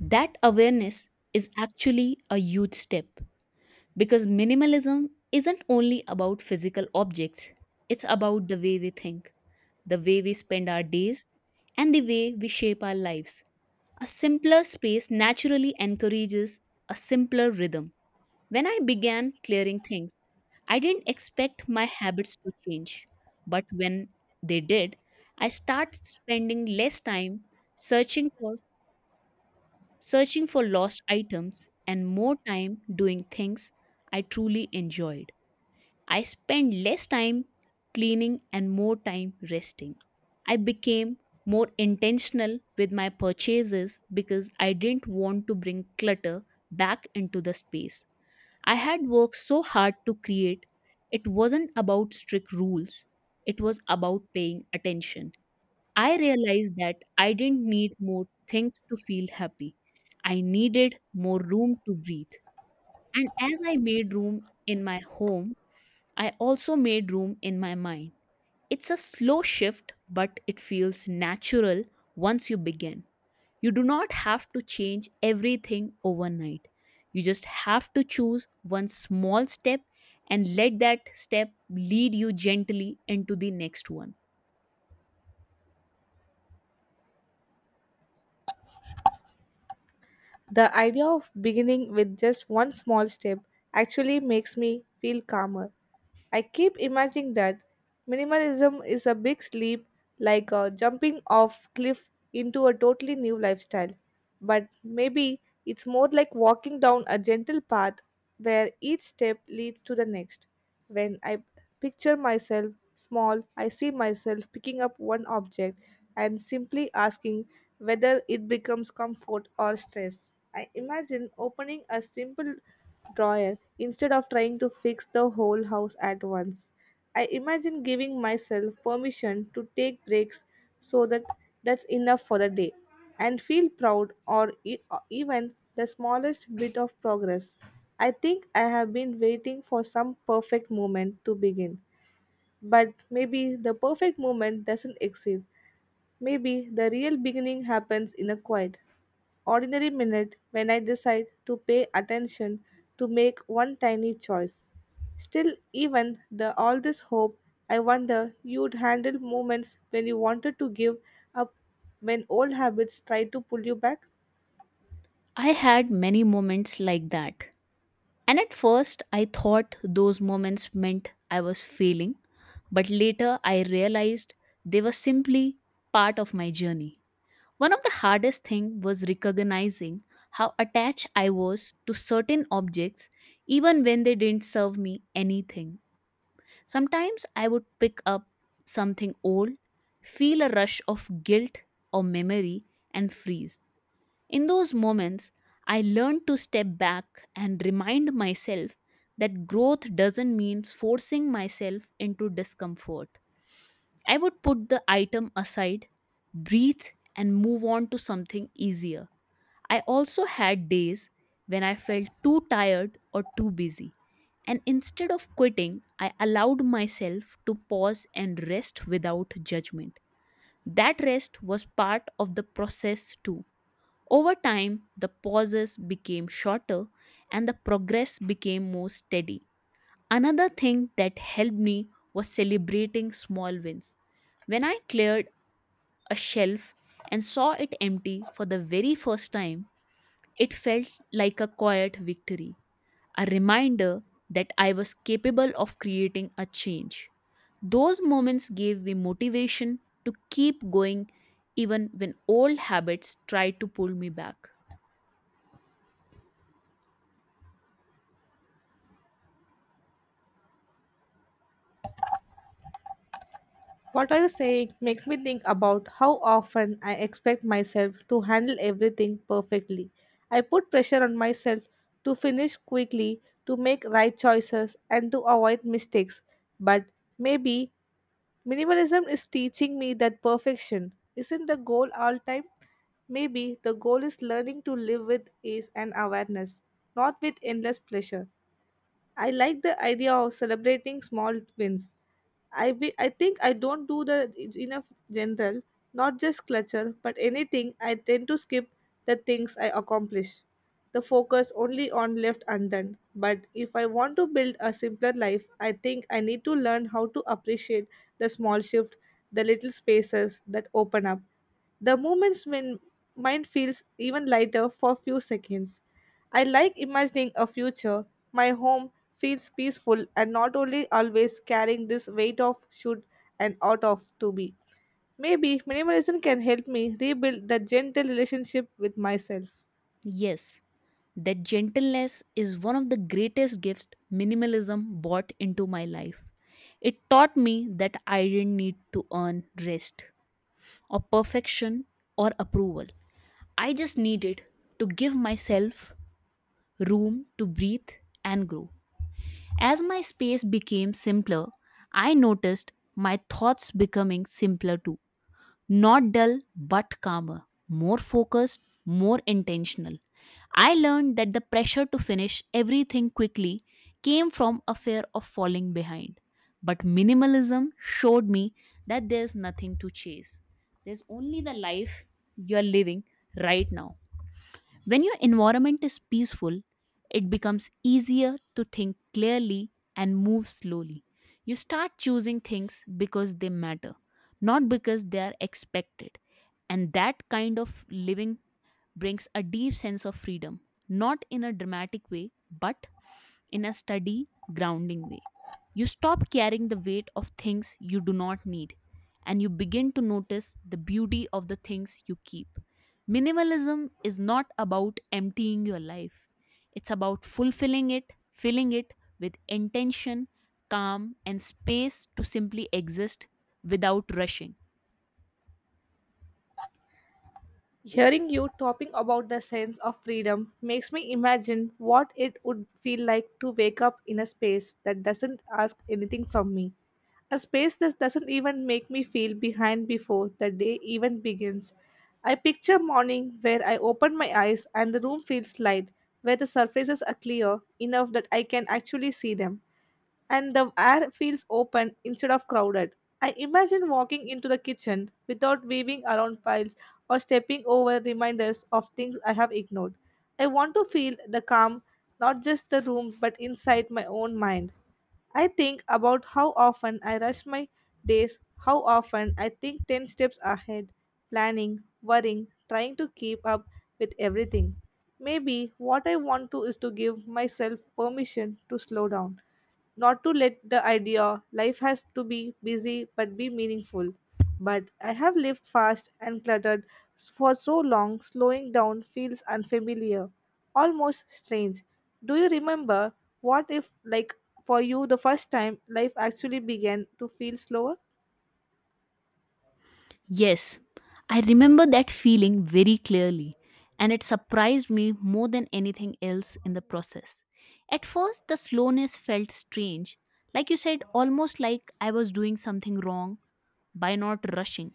That awareness is actually a huge step because minimalism isn't only about physical objects, it's about the way we think, the way we spend our days, and the way we shape our lives. A simpler space naturally encourages a simpler rhythm. When I began clearing things, I didn't expect my habits to change, but when they did, I started spending less time searching for searching for lost items, and more time doing things I truly enjoyed. I spent less time cleaning and more time resting. I became more intentional with my purchases because I didn't want to bring clutter back into the space. I had worked so hard to create. It wasn't about strict rules, it was about paying attention. I realized that I didn't need more things to feel happy. I needed more room to breathe. And as I made room in my home, I also made room in my mind. It's a slow shift, but it feels natural once you begin. You do not have to change everything overnight. You just have to choose one small step and let that step lead you gently into the next one. The idea of beginning with just one small step actually makes me feel calmer. I keep imagining that minimalism is a big leap, like a jumping off cliff into a totally new lifestyle. But maybe it's more like walking down a gentle path where each step leads to the next. When I picture myself small, I see myself picking up one object and simply asking whether it becomes comfort or stress. I imagine opening a simple drawer instead of trying to fix the whole house at once. I imagine giving myself permission to take breaks so that that's enough for the day and feel proud or or even the smallest bit of progress. I think I have been waiting for some perfect moment to begin, but maybe the perfect moment doesn't exist. Maybe the real beginning happens in a quiet, ordinary minute when I decide to pay attention to make one tiny choice. Still, even the all this hope, I wonder you'd handle moments when you wanted to give up when old habits try to pull you back. I had many moments like that. And at first, I thought those moments meant I was failing, but later I realized they were simply part of my journey. One of the hardest thing was recognizing how attached I was to certain objects even when they didn't serve me anything. Sometimes I would pick up something old, feel a rush of guilt or memory, and freeze. In those moments, I learned to step back and remind myself that growth doesn't mean forcing myself into discomfort. I would put the item aside, breathe, and move on to something easier. I also had days when I felt too tired or too busy. And instead of quitting, I allowed myself to pause and rest without judgment. That rest was part of the process too. Over time, the pauses became shorter and the progress became more steady. Another thing that helped me was celebrating small wins. When I cleared a shelf and saw it empty for the very first time, it felt like a quiet victory, a reminder that I was capable of creating a change. Those moments gave me motivation to keep going even when old habits tried to pull me back. What are you saying makes me think about how often I expect myself to handle everything perfectly. I put pressure on myself to finish quickly, to make right choices, and to avoid mistakes. But maybe Minimalism is teaching me that perfection isn't the goal all time. Maybe the goal is learning to live with ease and awareness, not with endless pleasure. I like the idea of celebrating small wins. I think I don't do the enough general, not just clutter, but anything I tend to skip the things I accomplish. The focus only on left undone. But if I want to build a simpler life, I think I need to learn how to appreciate the small shift, the little spaces that open up. The moments when mind feels even lighter for a few seconds. I like imagining a future my home feels peaceful and not only always carrying this weight of should and ought of to be. Maybe minimalism can help me rebuild that gentle relationship with myself. Yes, that gentleness is one of the greatest gifts minimalism brought into my life. It taught me that I didn't need to earn rest or perfection or approval. I just needed to give myself room to breathe and grow. As my space became simpler, I noticed my thoughts becoming simpler too. Not dull, but calmer, more focused, more intentional. I learned that the pressure to finish everything quickly came from a fear of falling behind. But minimalism showed me that there's nothing to chase. There's only the life you're living right now. When your environment is peaceful, it becomes easier to think clearly and move slowly. You start choosing things because they matter, not because they are expected. And that kind of living brings a deep sense of freedom, not in a dramatic way, but in a steady, grounding way. You stop carrying the weight of things you do not need, and you begin to notice the beauty of the things you keep. Minimalism is not about emptying your life, it's about fulfilling it, filling it with intention, calm, and space to simply exist without rushing. Hearing you talking about the sense of freedom makes me imagine what it would feel like to wake up in a space that doesn't ask anything from me. A space that doesn't even make me feel behind before the day even begins. I picture morning where I open my eyes and the room feels light, where the surfaces are clear enough that I can actually see them and the air feels open instead of crowded. I imagine walking into the kitchen without weaving around piles or stepping over reminders of things I have ignored. I want to feel the calm, not just the room, but inside my own mind. I think about how often I rush my days, how often I think 10 steps ahead, planning, worrying, trying to keep up with everything. Maybe what I want to is to give myself permission to slow down, not to let the idea life has to be busy but be meaningful. But I have lived fast and cluttered for so long, slowing down feels unfamiliar almost strange. Do you remember what if, for you, the first time life actually began to feel slower? Yes, I remember that feeling very clearly, and it surprised me more than anything else in the process. At first, the slowness felt strange, like you said, almost like I was doing something wrong by not rushing.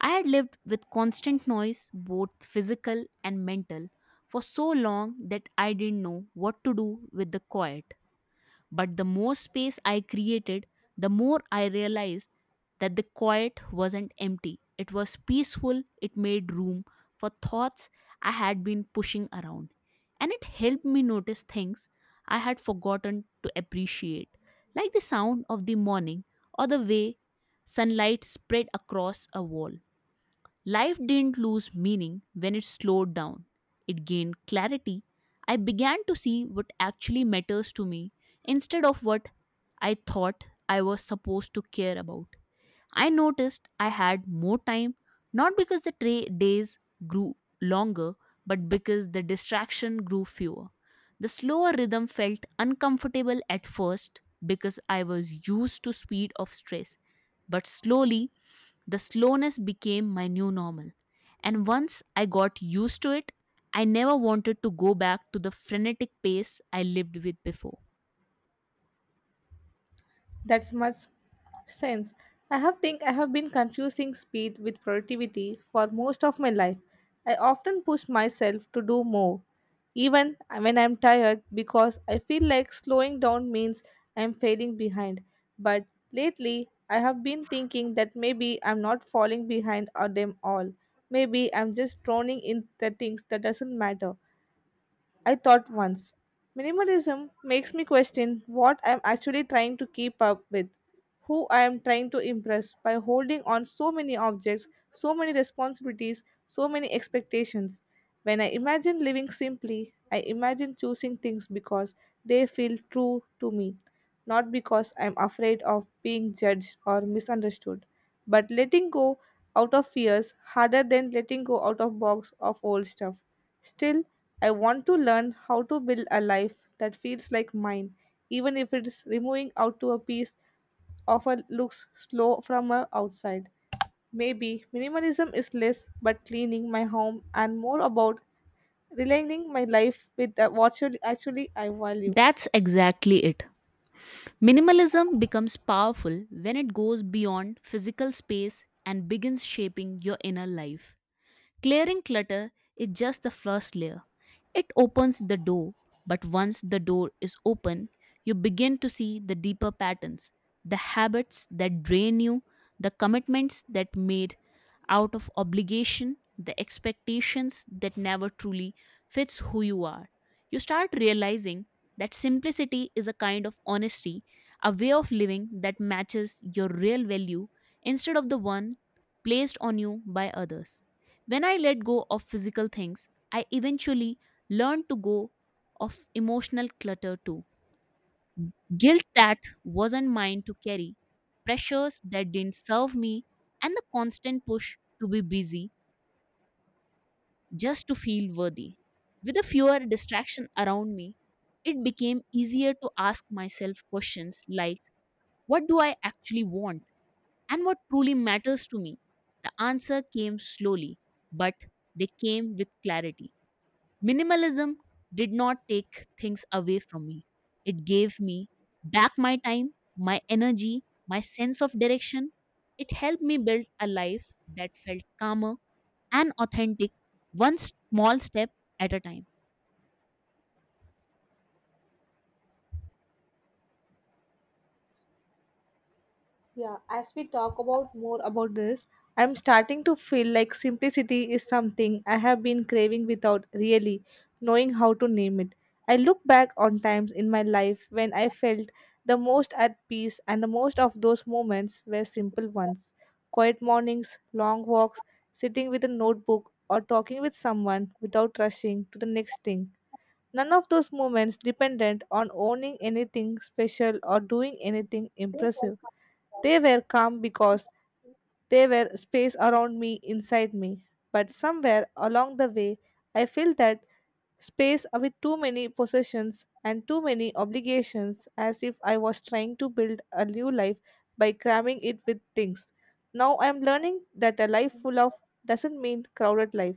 I had lived with constant noise, both physical and mental, for so long that I didn't know what to do with the quiet. But the more space I created, the more I realized that the quiet wasn't empty. It was peaceful, it made room for thoughts I had been pushing around. And it helped me notice things I had forgotten to appreciate, like the sound of the morning or the way sunlight spread across a wall. Life didn't lose meaning when it slowed down. It gained clarity. I began to see what actually matters to me instead of what I thought I was supposed to care about. I noticed I had more time, not because the days grew longer, but because the distraction grew fewer. The slower rhythm felt uncomfortable at first because I was used to speed of stress, but slowly the slowness became my new normal. And once I got used to it, I never wanted to go back to the frenetic pace I lived with before. That's much sense. I have think I have been confusing speed with productivity for most of my life. I often push myself to do more, even when I'm tired, because I feel like slowing down means I'm failing behind. But lately, I have been thinking that maybe I'm not falling behind on them all. Maybe I'm just drowning in the things that doesn't matter. I thought once. Minimalism makes me question what I'm actually trying to keep up with, who I am trying to impress by holding on so many objects, so many responsibilities, so many expectations. When I imagine living simply, I imagine choosing things because they feel true to me, not because I'm afraid of being judged or misunderstood. But letting go out of fears harder than letting go out of box of old stuff. Still, I want to learn how to build a life that feels like mine, even if it's removing out to a piece of a looks slow from a outside. Maybe minimalism is less but cleaning my home and more about realigning my life with what should actually I value. That's exactly it. Minimalism becomes powerful when it goes beyond physical space and begins shaping your inner life. Clearing clutter is just the first layer. It opens the door, but once the door is open, you begin to see the deeper patterns, the habits that drain you, the commitments that made out of obligation, the expectations that never truly fits who you are. You start realizing that simplicity is a kind of honesty, a way of living that matches your real value instead of the one placed on you by others. When I let go of physical things, I eventually learn to go of emotional clutter too. Guilt that wasn't mine to carry, pressures that didn't serve me, and the constant push to be busy just to feel worthy. With a fewer distraction around me, it became easier to ask myself questions like what do I actually want and what truly matters to me? The answer came slowly, but they came with clarity. Minimalism did not take things away from me. It gave me back my time, my energy, my sense of direction. It helped me build a life that felt calmer and authentic, one small step at a time. Yeah, as we talk about more about this, I'm starting to feel like simplicity is something I have been craving without really knowing how to name it. I look back on times in my life when I felt the most at peace, and the most of those moments were simple ones. Quiet mornings, long walks, sitting with a notebook, or talking with someone without rushing to the next thing. None of those moments dependent on owning anything special or doing anything impressive. They were calm because they were space around me, inside me. But somewhere along the way, I feel that space with too many possessions and too many obligations as if I was trying to build a new life by cramming it with things. Now I am learning that a life full of doesn't mean crowded life.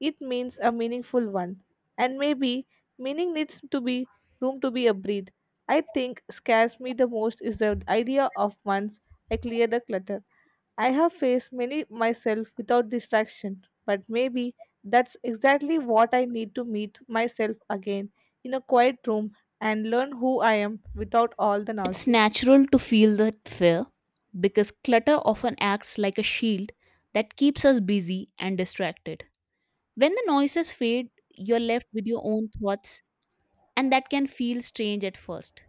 It means a meaningful one. And maybe meaning needs to be room to be a breathe. I think scares me the most is the idea of once I clear the clutter. I have faced many myself without distraction, but maybe that's exactly what I need to meet myself again in a quiet room and learn who I am without all the It's noises. natural to feel that fear because clutter often acts like a shield that keeps us busy and distracted. When the noises fade, you're left with your own thoughts, and that can feel strange at first.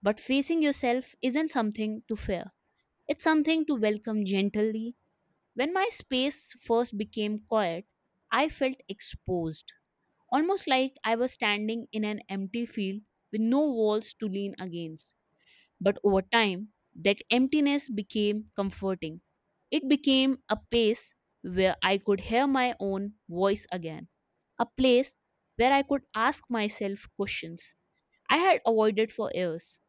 But facing yourself isn't something to fear, it's something to welcome gently. When my space first became quiet, I felt exposed, almost like I was standing in an empty field with no walls to lean against. But over time, that emptiness became comforting. It became a place where I could hear my own voice again, a place where I could ask myself questions I had avoided for years.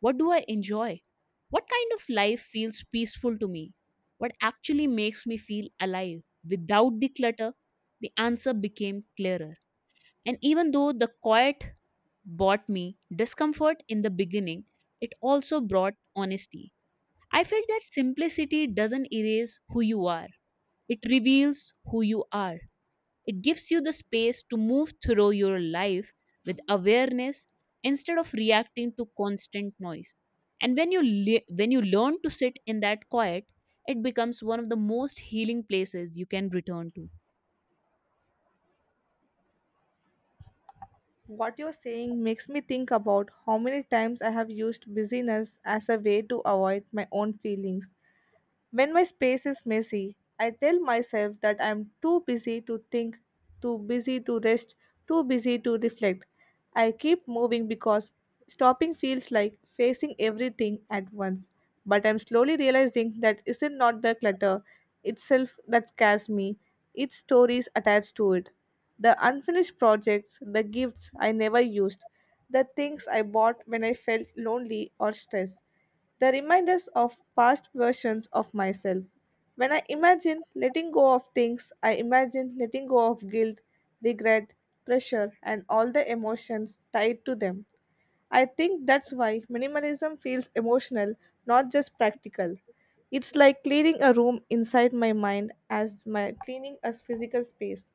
What do I enjoy? What kind of life feels peaceful to me? What actually makes me feel alive? Without the clutter, the answer became clearer. And even though the quiet brought me discomfort in the beginning, it also brought honesty. I felt that simplicity doesn't erase who you are, it reveals who you are. It gives you the space to move through your life with awareness instead of reacting to constant noise. And when you learn to sit in that quiet, it becomes one of the most healing places you can return to. What you're saying makes me think about how many times I have used busyness as a way to avoid my own feelings. When my space is messy, I tell myself that I'm too busy to think, too busy to rest, too busy to reflect. I keep moving because stopping feels like facing everything at once. But I'm slowly realizing that isn't not the clutter itself that scares me, its stories attached to it. The unfinished projects, the gifts I never used, the things I bought when I felt lonely or stressed the reminders of past versions of myself. When I imagine letting go of things, I imagine letting go of guilt, regret, pressure, and all the emotions tied to them. I think that's why minimalism feels emotional, not just practical. It's like cleaning a room inside my mind as my cleaning a physical space.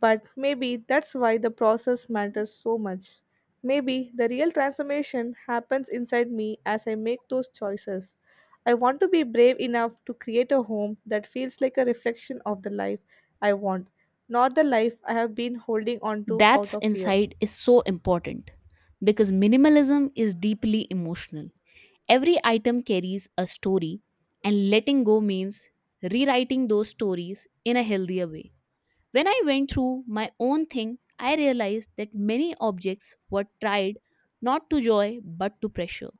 But maybe that's why the process matters so much. Maybe the real transformation happens inside me as I make those choices. I want to be brave enough to create a home that feels like a reflection of the life I want, not the life I have been holding on to out That's of fear. insight is so important because minimalism is deeply emotional. Every item carries a story, and letting go means rewriting those stories in a healthier way. When I went through my own thing, I realized that many objects were tried not to joy but to pressure.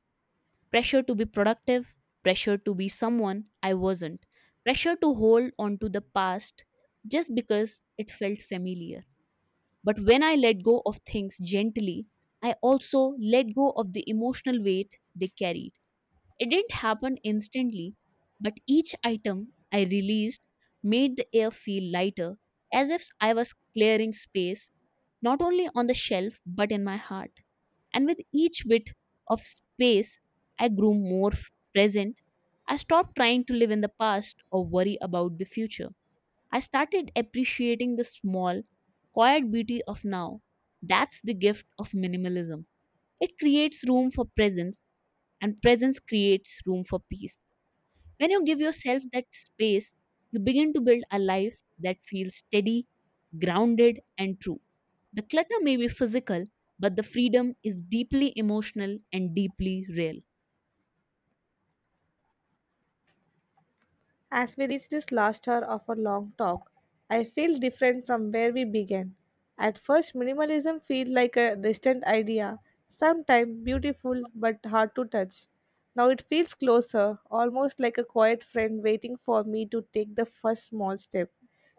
Pressure to be productive, pressure to be someone I wasn't, pressure to hold on to the past just because it felt familiar. But when I let go of things gently, I also let go of the emotional weight they carried. It didn't happen instantly, but each item I released made the air feel lighter, as if I was clearing space, not only on the shelf, but in my heart. And with each bit of space, I grew present. I stopped trying to live in the past or worry about the future. I started appreciating the small, quiet beauty of now. That's the gift of minimalism. It creates room for presence, and presence creates room for peace. When you give yourself that space, you begin to build a life that feels steady, grounded, and true. The clutter may be physical, but the freedom is deeply emotional and deeply real. As we reach this last hour of our long talk, I feel different from where we began. At first, minimalism feels like a distant idea, sometimes beautiful but hard to touch. Now it feels closer, almost like a quiet friend waiting for me to take the first small step.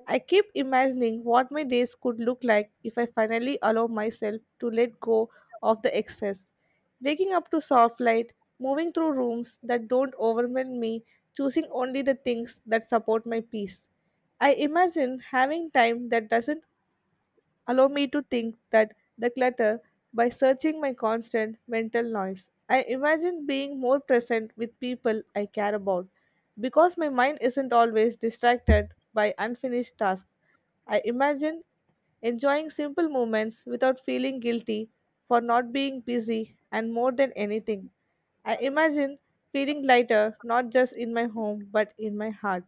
I keep imagining what my days could look like if I finally allow myself to let go of the excess. Waking up to soft light, moving through rooms that don't overwhelm me, choosing only the things that support my peace. I imagine having time that doesn't allow me to think that the clutter by searching my constant mental noise. I imagine being more present with people I care about because my mind isn't always distracted by unfinished tasks. I imagine enjoying simple moments without feeling guilty for not being busy and more than anything. I imagine feeling lighter not just in my home but in my heart.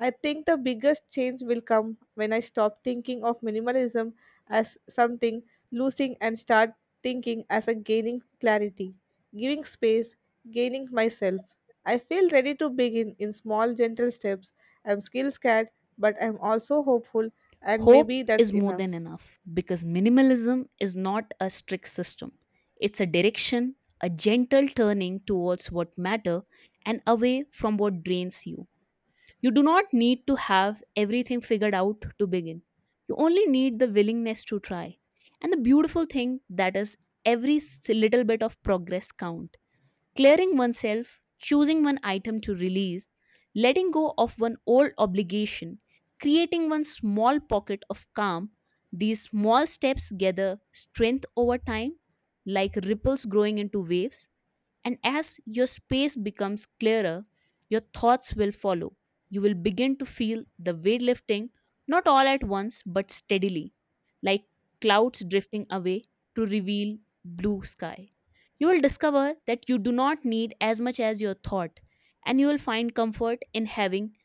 I think the biggest change will come when I stop thinking of minimalism as something losing and start thinking as a gaining clarity, giving space, gaining myself. I feel ready to begin in small, gentle steps. I'm still scared, but I'm also hopeful, and Hope maybe that's is more than enough. enough because minimalism is not a strict system. It's a direction, a gentle turning towards what matter and away from what drains you. You do not need to have everything figured out to begin. You only need the willingness to try. And the beautiful thing that is little bit of progress count. Clearing oneself, choosing one item to release, letting go of one old obligation, creating one small pocket of calm, these small steps gather strength over time, like ripples growing into waves. And as your space becomes clearer, your thoughts will follow. You will begin to feel the weight lifting, not all at once, but steadily, like clouds drifting away to reveal blue sky. You will discover that you do not need as much as your thought, and you will find comfort in having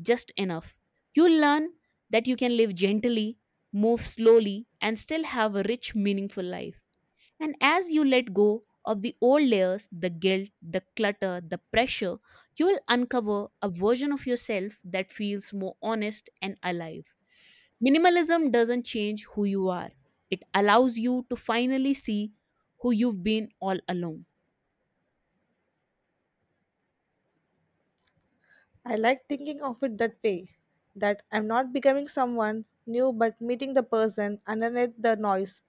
just enough. You'll learn that you can live gently, move slowly, and still have a rich, meaningful life. And as you let go of the old layers, the guilt, the clutter, the pressure, you will uncover a version of yourself that feels more honest and alive. Minimalism doesn't change who you are, it allows you to finally see who you've been all along. I like thinking of it that way that I'm not becoming someone new but meeting the person underneath the noise.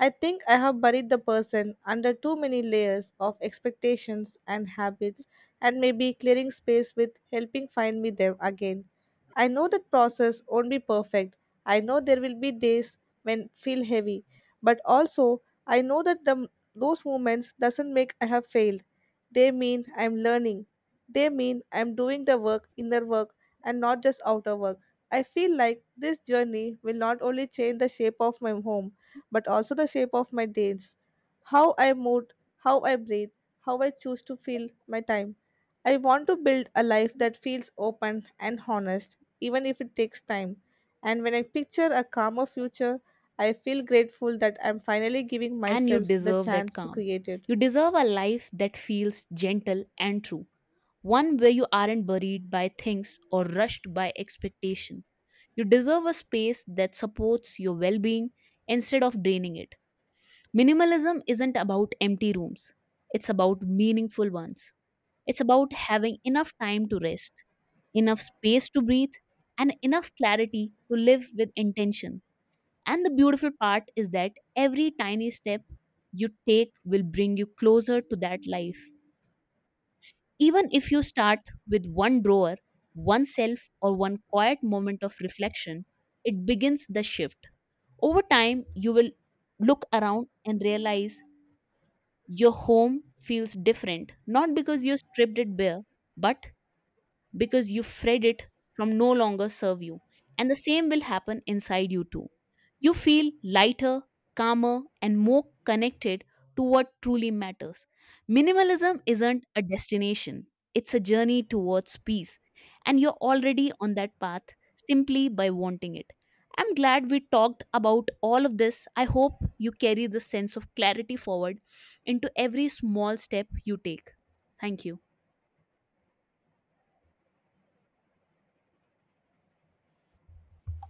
I think I have buried the person under too many layers of expectations and habits, and maybe clearing space with helping find me them again. I know that process won't be perfect. I know there will be days when feel heavy, but also I know that those moments doesn't make I have failed. They mean I'm learning they mean I'm doing the work, inner work, and not just outer work. I feel like this journey will not only change the shape of my home, but also the shape of my days. How I move, how I breathe, how I choose to feel my time. I want to build a life that feels open and honest, even if it takes time. And when I picture a calmer future, I feel grateful that I'm finally giving And you myself the deserve that chance to calm. create it. You deserve a life that feels gentle and true, one where you aren't buried by things or rushed by expectation. You deserve a space that supports your well being instead of draining it. Minimalism isn't about empty rooms, it's about meaningful ones. It's about having enough time to rest, enough space to breathe, and enough clarity to live with intention. And the beautiful part is that every tiny step you take will bring you closer to that life, even if you start with one drawer, one self, or one quiet moment of reflection, it begins the shift. Over time, you will look around and realize your home feels different, not because you stripped it bare, but because you freed it from no longer serve you. And the same will happen inside you too. You feel lighter, calmer, and more connected to what truly matters. Minimalism isn't a destination, it's a journey towards peace. And you're already on that path simply by wanting it. I'm glad we talked about all of this. I hope you carry this sense of clarity forward into every small step you take. Thank you.